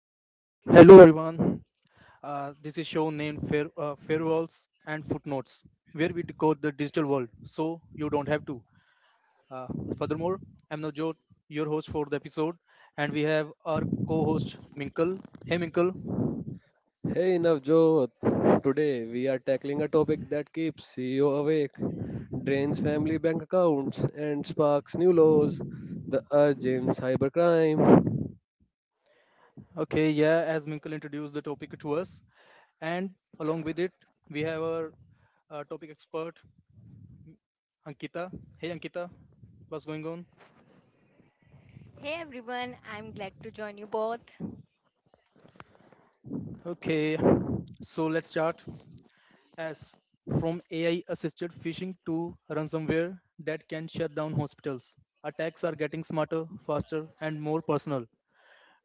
everyone. This is show named Fair, Firewalls and Footnotes, where we decode the digital world so you don't have to. Uh, furthermore, I'm Navjot, your host for the episode, and we have our co-host Minkle. Hey Minkle. Hey Navjot, today we are tackling a topic that keeps CEO awake, drains family bank accounts, and sparks new laws the urge in cybercrime. Okay, yeah. As Minkle introduced the topic to us, and along with it, we have our topic expert Ankita. Hey Ankita, what's going on? Hey everyone, I'm glad to join you both. Okay, so let's start. As From AI assisted phishing to ransomware that can shut down hospitals. Attacks are getting smarter, faster, and more personal.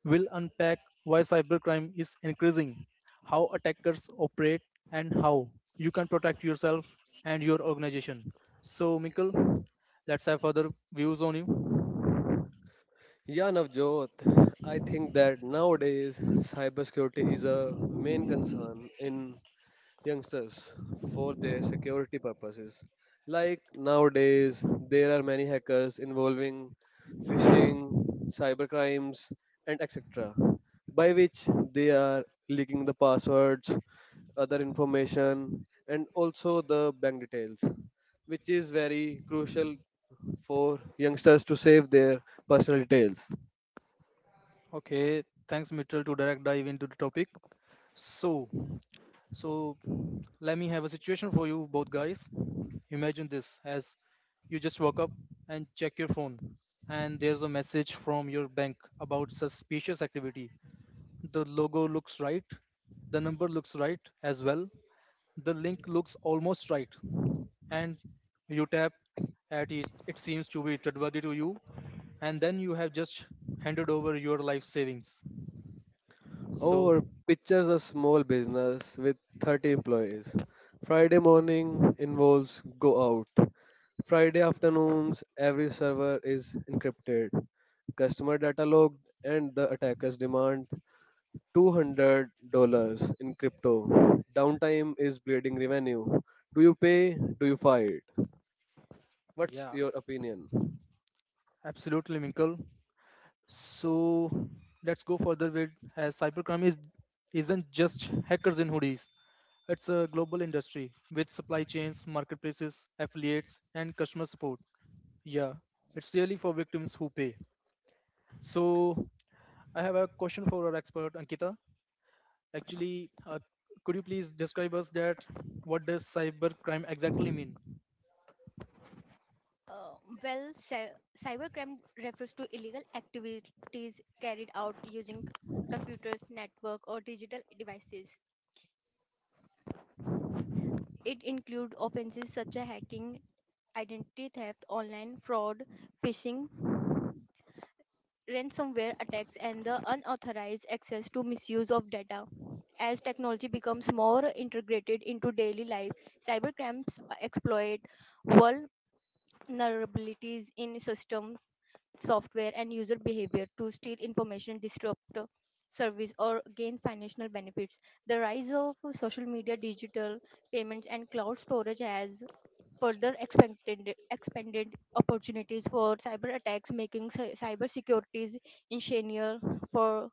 We'll unpack why cybercrime is increasing, how attackers operate, and how you can protect yourself and your organization. So, Mikkel, let's have further views on you. Yeah, Navjot, I think that nowadays cybersecurity is a main concern in youngsters for their security purposes. Like nowadays, there are many hackers involving phishing, cybercrimes, and etc., by which they are leaking the passwords, other information, and also the bank details, which is very crucial for youngsters to save their personal details. Okay, thanks, Mitchell, to direct dive into the topic. So, So let me have a situation for you both guys. Imagine this as you just woke up and check your phone and there's a message from your bank about suspicious activity. The logo looks right, the number looks right as well, the link looks almost right. And you tap at it, it seems to be trustworthy to you and then you have just handed over your life savings. So Or pictures a small business with 30 employees. Friday morning involves go out. Friday afternoons, every server is encrypted, customer data logged, and the attackers demand $200 in crypto. Downtime is bleeding revenue. Do you pay? Do you fight? What's yeah, your opinion? absolutely Minkle. So let's go further with as cybercrime is isn't just hackers in hoodies. It's a global industry with supply chains, marketplaces, affiliates, and customer support. Yeah, it's really for victims who pay. So I have a question for our expert Ankita. Actually, could you please describe us that what does cybercrime exactly mean? Uh, well, cybercrime refers to illegal activities carried out using computers, network, or digital devices. It includes offenses such as hacking, identity theft, online fraud, phishing, ransomware attacks, and the unauthorized access to misuse of data. As technology becomes more integrated into daily life, cybercrimes exploit vulnerabilities in systems software and user behavior to steal information, disrupt service, or gain financial benefits. The rise of social media, digital payments, and cloud storage has expanded opportunities for cyber attacks, making cyber securities essential for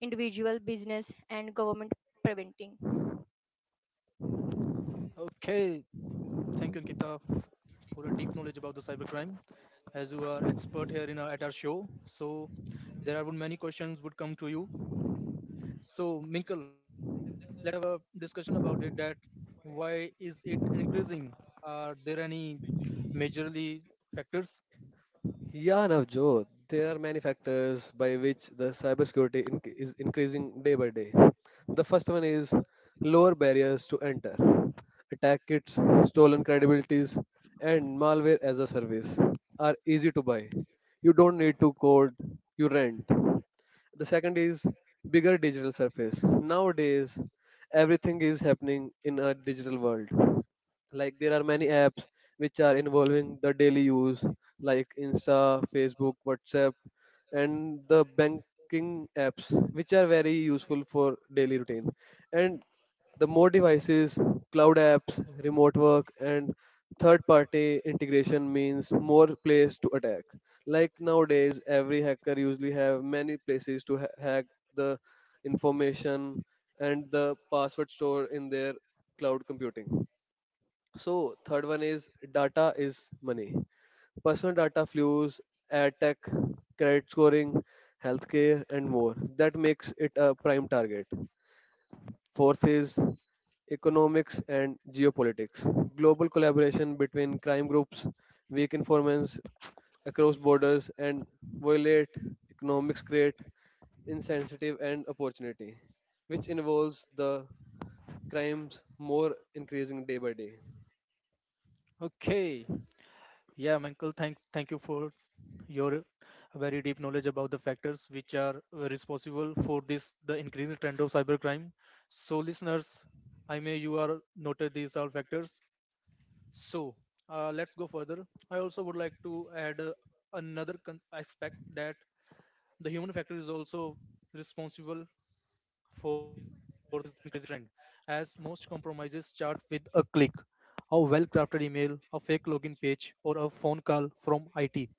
individual, business, and government preventing. Okay, thank you, Ankita, for a deep knowledge about the cybercrime. As you are expert here in our, at our show, so there are would many questions would come to you. So, Minkle, a discussion about it that why is it increasing? Are there any majorly factors? Yeah, Navjot, there are many factors by which the is increasing day by day. The first one is lower barriers to enter, attack kits, stolen credibilities, and malware as a service are easy to buy. You don't need to code, you rent. The second is bigger digital surface. Nowadays, everything is happening in a digital world. Like there are many apps which are involving the daily use, like Insta, Facebook, WhatsApp, and the banking apps, which are very useful for daily routine. And the more devices, cloud apps, remote work, and third party integration means more place to attack. Like nowadays, every hacker usually have many places to hack the information and the password store in their cloud computing. So third one is data is money. Personal data flows, ad tech, credit scoring, healthcare, and more. That makes it a prime target. Fourth is economics and geopolitics. Global collaboration between crime groups, weak informants, across borders and violate economics create incentive and opportunity, which involves the crimes more increasing day by day. Okay, yeah, Minkle, thank you for your very deep knowledge about the factors which are responsible for this the increasing trend of cybercrime. So, listeners, I may you are noted these are factors. So let's go further. I also would like to add another aspect that the human factor is also responsible, as most compromises start with a click, a well-crafted email, a fake login page, or a phone call from IT.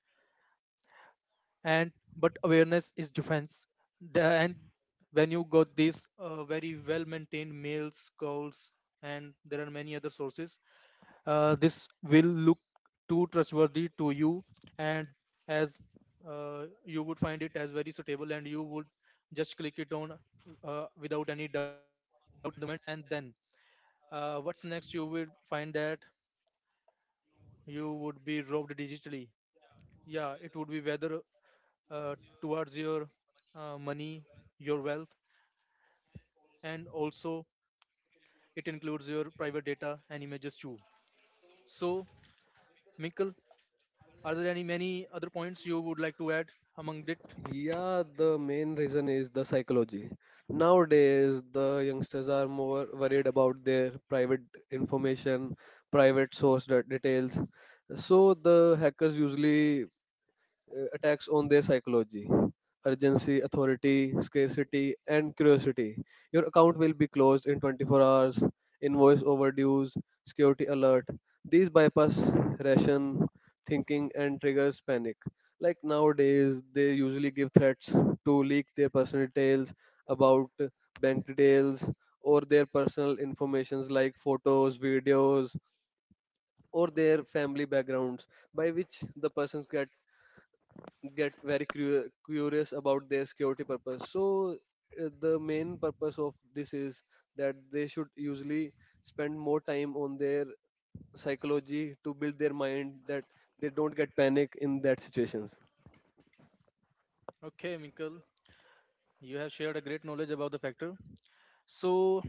And but awareness is defense. The, and when you got these very well-maintained mails, calls, and there are many other sources, this will look too trustworthy to you and as you would find it as very suitable and you would just click it on without any doubt and then what's next you will find that you would be robbed digitally, yeah, it would be whether uh, towards your money, your wealth, and also it includes your private data and images too. So Minkle, are there any many other points you would like to add among it? Yeah, the main reason is the psychology. Nowadays, the youngsters are more worried about their private information, private source details. So the hackers usually attacks on their psychology. Urgency, authority, scarcity, and curiosity. Your account will be closed in 24 hours, invoice overdues, security alert. These bypass ration thinking and triggers panic. Like Like nowadays, they usually give threats to leak their personal details about like bank details or their like personal informations like photos, videos, or their family backgrounds by which the persons get very So curious about their security purpose. So the main purpose of this is that they should usually spend more time on their psychology to build their mind that they don't get panic in that situations. okay, Minkle, you have shared a great knowledge about the factor. So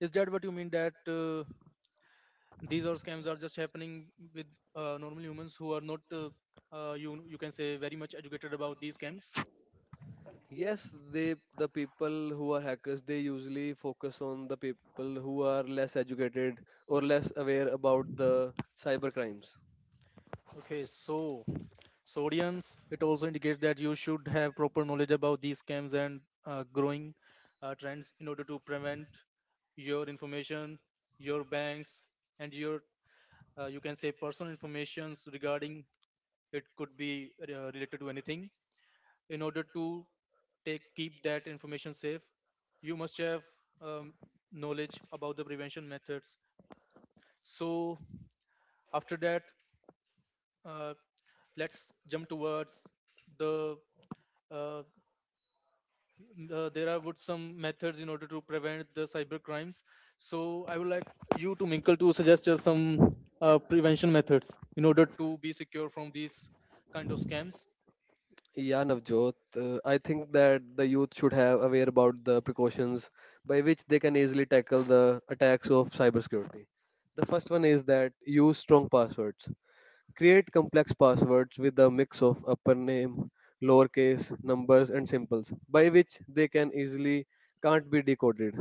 is that what you mean that these are scams are just happening with normal humans who are not you can say very much educated about these scams? Yes, the people who are hackers, they usually focus on the people who are less educated or less aware about the cyber crimes. Okay, so sodiums it also indicates that you should have proper knowledge about these scams and growing trends in order to prevent your information, your banks, and your you can say personal informations regarding it could be related to anything in order to take keep that information safe you must have um, knowledge about the prevention methods. So after that uh, let's jump towards the uh, there are would some methods in order to prevent the cyber crimes. So I would like you to Minkle to suggest us some prevention methods in order to be secure from these kind of scams. Yeah, Navjot, I think that the youth should have aware about the precautions by which they can easily tackle the attacks of cybersecurity. The first one is that use strong passwords. Create complex passwords with a mix of upper name, lowercase, numbers, and symbols by which they can easily can't be decoded.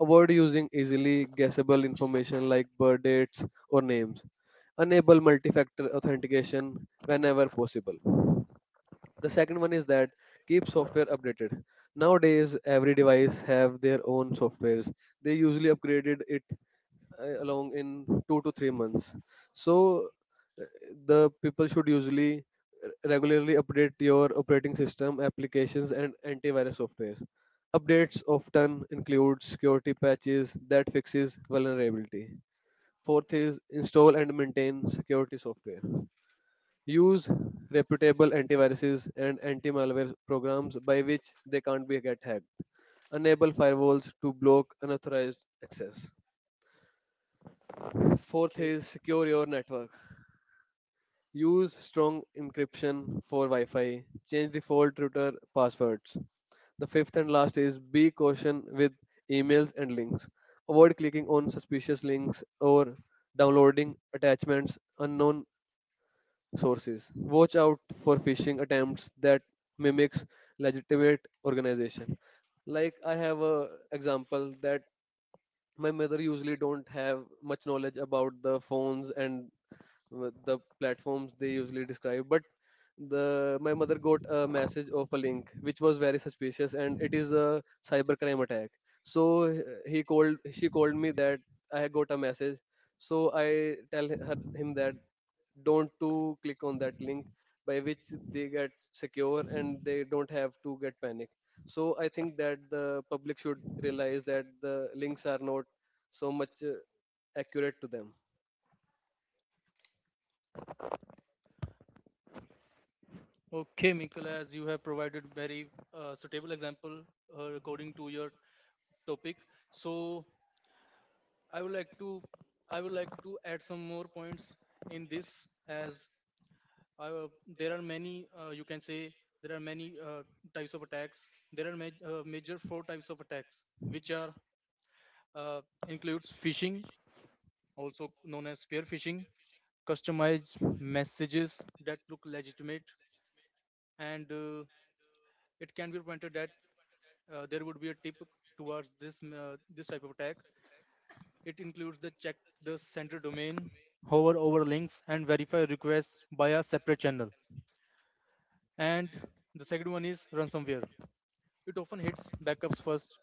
Avoid using easily guessable information like birth dates or names. Enable multi-factor authentication whenever possible. The second one is that keep software updated. Nowadays every device have their own softwares, they usually upgraded it along in 2 to 3 months. So uh, the people should usually regularly update your operating system applications and antivirus softwares. Updates often include security patches that fixes vulnerability. Fourth is install and maintain security software. Use reputable antiviruses and anti-malware programs by which they can't be get hacked. Enable firewalls to block unauthorized access. Fourth is secure your network. Use strong encryption for Wi-Fi. Change default router passwords. The fifth and last is be caution with emails and links. Avoid clicking on suspicious links or downloading attachments unknown sources. Watch out for phishing attempts that mimics legitimate organization. Like I have a example that my mother usually don't have much knowledge about the phones and the platforms they usually describe, but the my mother got a message of a link which was very suspicious and it is a cybercrime attack. So he called she called me that I had got a message. So I tell her him that don't to click on that link by which they get secure and they don't have to get panic. So I think that the public should realize that the links are not so much. Okay, Minkle, as you have provided very suitable example according to your topic. So I would like to I would like to add some more points in this as I, uh, there are many you can say there are many types of attacks. There are major four types of attacks which are uh, includes phishing, also known as spear phishing, customized messages that look legitimate and it can be pointed that there would be a tip towards this type of attack. It includes the check the sender domain, hover over links, and verify requests by a separate channel. And the second one is ransomware. It often hits backups first.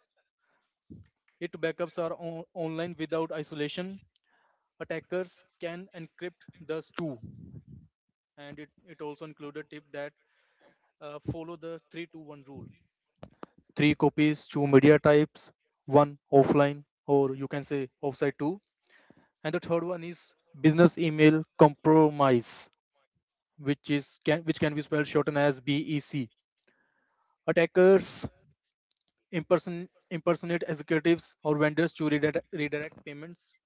If backups are online without isolation, attackers can encrypt those too. And it also included a tip that follow the three to one rule. Three copies, two media types, one offline or you can say offsite too. And the third one is business email compromise, which is can be spelled shortened as BEC. Attackers imperson impersonate executives or vendors to redirect payments.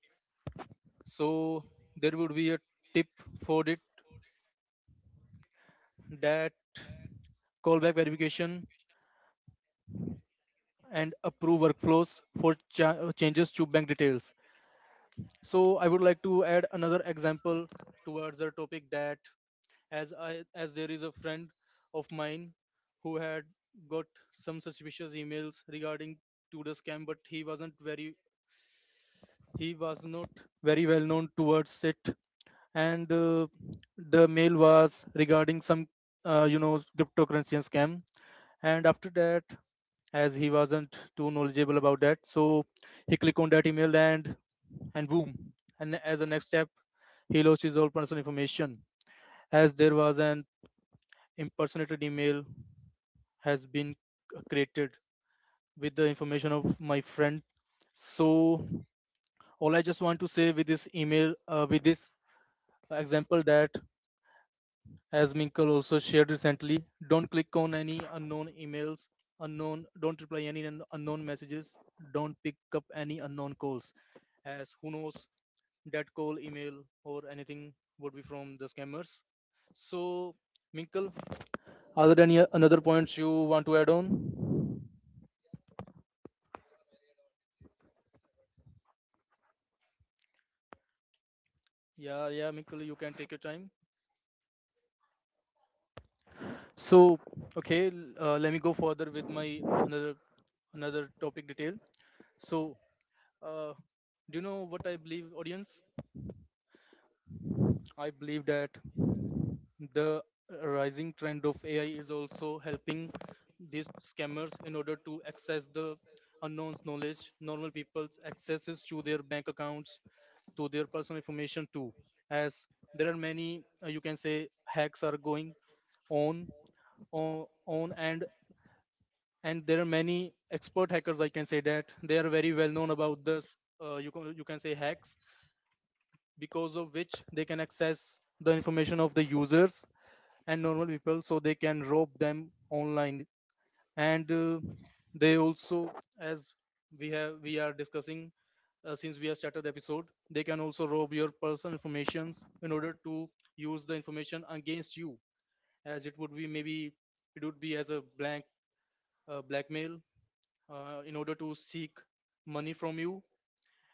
So there would be a tip for it that callback verification and approve workflows for changes to bank details. So I would like to add another example towards the topic that as there is a friend of mine who had got some suspicious emails regarding to the scam but he was not very well known towards it and the mail was regarding some you know cryptocurrency scam, and after that as he wasn't too knowledgeable about that so he clicked on that email and boom, and as a next step he lost his whole personal information as there was an impersonated email has been created with the information of my friend. So all I just want to say with this email with this example that as Minkle also shared recently, don't click on any unknown emails, unknown don't reply any unknown messages, don't pick up any unknown calls, as who knows that call, email, or anything would be from the scammers. So Minkle, other than another points you want to add on? Yeah, Minkle, you can take your time. So, let me go further with my another another topic detail. So, uh, do you know what I believe, audience? I believe that the rising trend of AI is also helping these scammers in order to access the unknown's knowledge, normal people's accesses to their bank accounts, to their personal information too. As there are many, you can say, hacks are going on on and there are many expert hackers I can say that they are very well known about this you can say hacks, because of which they can access the information of the users and normal people so they can rob them online. And they also as we are discussing since we have started the episode, they can also rob your personal informations in order to use the information against you, as it would be as a blank blackmail in order to seek money from you,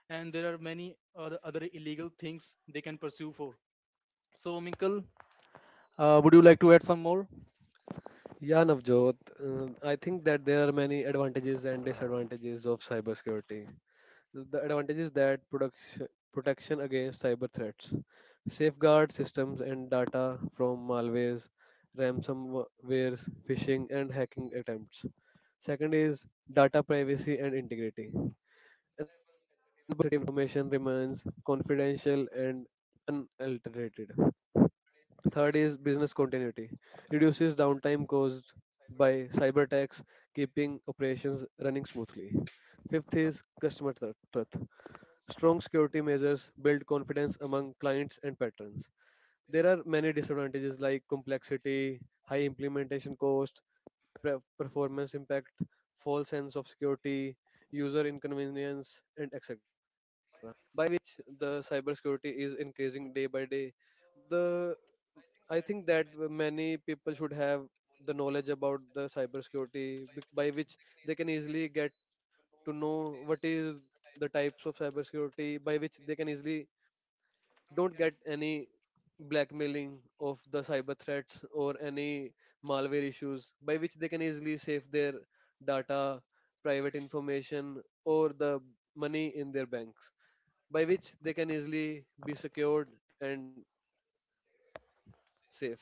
and there are many other, other illegal things they can pursue for. So Minkle, would you like to add some more? Yeah, Navjot, I think that there are many advantages and disadvantages of cybersecurity. The advantage is that protection against cyber threats, safeguard systems and data from malwares, ransomwares, phishing, and hacking attempts. Second is data privacy and integrity. Information remains confidential and unaltered. Third is business continuity. Reduces downtime caused by cyber attacks, keeping operations running smoothly. Fifth is customer trust. Measures build confidence among clients and patrons. There are many disadvantages like complexity, high implementation cost, performance impact, false sense of security, user inconvenience, and etc. The cybersecurity is increasing day by day. The I think that many people should have the knowledge about the cybersecurity by which they can easily get to know what is the types of cybersecurity by which they can easily don't get any blackmailing of the cyber threats or any malware issues by which they can easily save their data, private information or the money in their banks by which they can easily be secured and safe.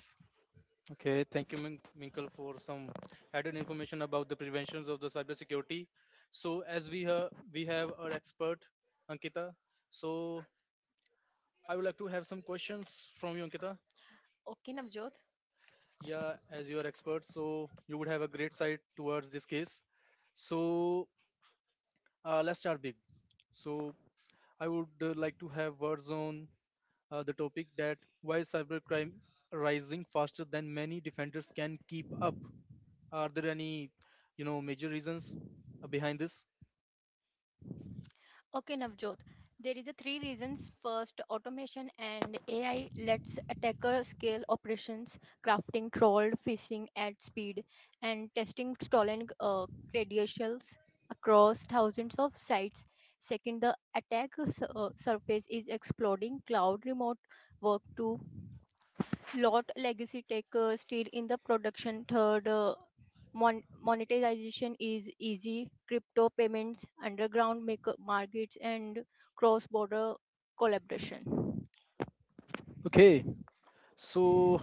Okay, thank you Minkle for some added information about the preventions of the cybersecurity. So as we have our expert Ankita, so I would like to have some questions from you, Ankita. Okay, Navjot. Yeah, as you are expert, so you would have a great side towards this case. So let's start big. So I would like to have Warzone, the topic that why is cybercrime rising faster than many defenders can keep up. Are there any, you know, major reasons behind this? Okay, Navjot. There is a three reasons. First, automation and AI lets attacker scale operations, crafting trolled phishing at speed, and testing stolen credentials across thousands of sites. Second, the attack surface is exploding. Cloud remote work to lot legacy tech still in the production third monetization is easy, crypto payments underground markets and cross border collaboration. Okay, so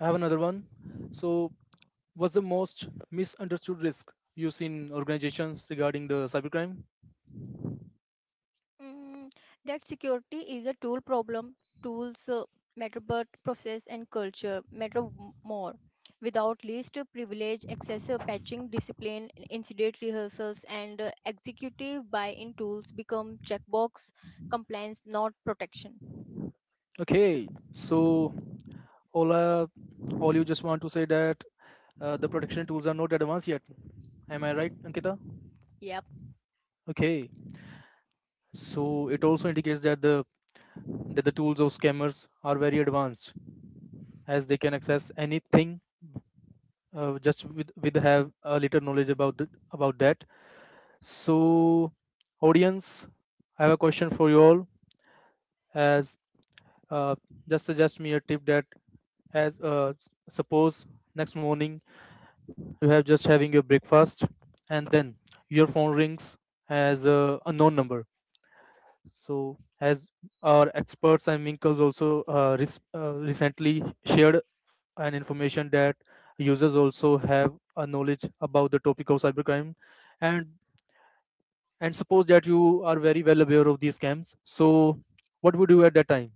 I have another one. So, what's the most misunderstood risk you see in organizations regarding the cybercrime? Mm, that security is a tool problem, tools matter, but process and culture matter more. Without least privilege access to patching discipline, incident rehearsals and executive buy-in, tools become checkbox compliance, not protection. Okay, so all, uh, all you just want to say that the protection tools are not advanced yet. Am I right, Ankita? Okay, so it also indicates that the tools of scammers are very advanced, as they can access anything just with have a little knowledge about about that. So, audience, I have a question for you all. As uh, just suggest me a tip that as suppose next morning you are just having your breakfast and then your phone rings as a unknown number. So, as our experts and Minkles also recently shared an information that users also have a knowledge about the topic of cybercrime, and suppose that you are very well aware of these scams. So, what would you at that time?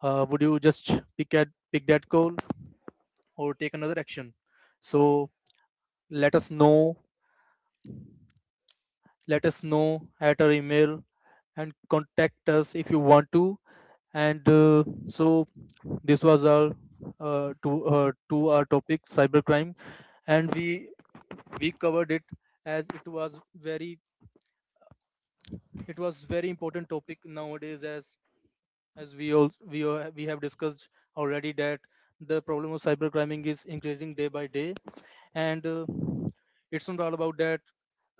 Would you just pick that call or take another action? So let us know. Let us know at our email and contact us if you want to. And so this was our to our topic cybercrime and we covered it as it was very important topic nowadays, as we have discussed already that the problem of cybercrime is increasing day by day. And it's not all about that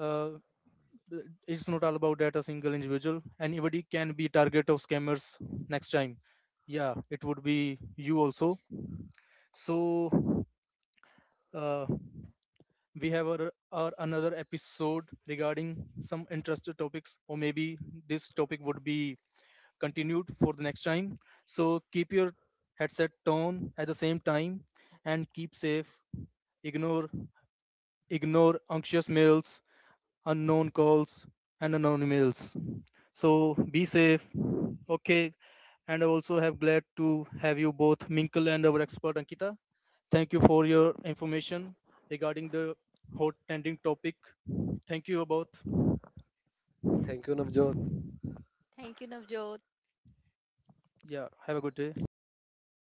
uh, it's not all about that a single individual, anybody can be target of scammers next time, yeah, it would be you also. So uh, we have our another episode regarding some interesting topics, or maybe this topic would be continued for the next time. So keep your headset on at the same time and keep safe. Ignore Ignore anxious mails, unknown calls, and unknown emails. So be safe. Okay. And I also have glad to have you both, Minkle and our expert Ankita. Thank you for your information regarding the hot trending topic. Thank you both. Thank you, Navjot. Thank you, Navjot. Yeah. Have a good day.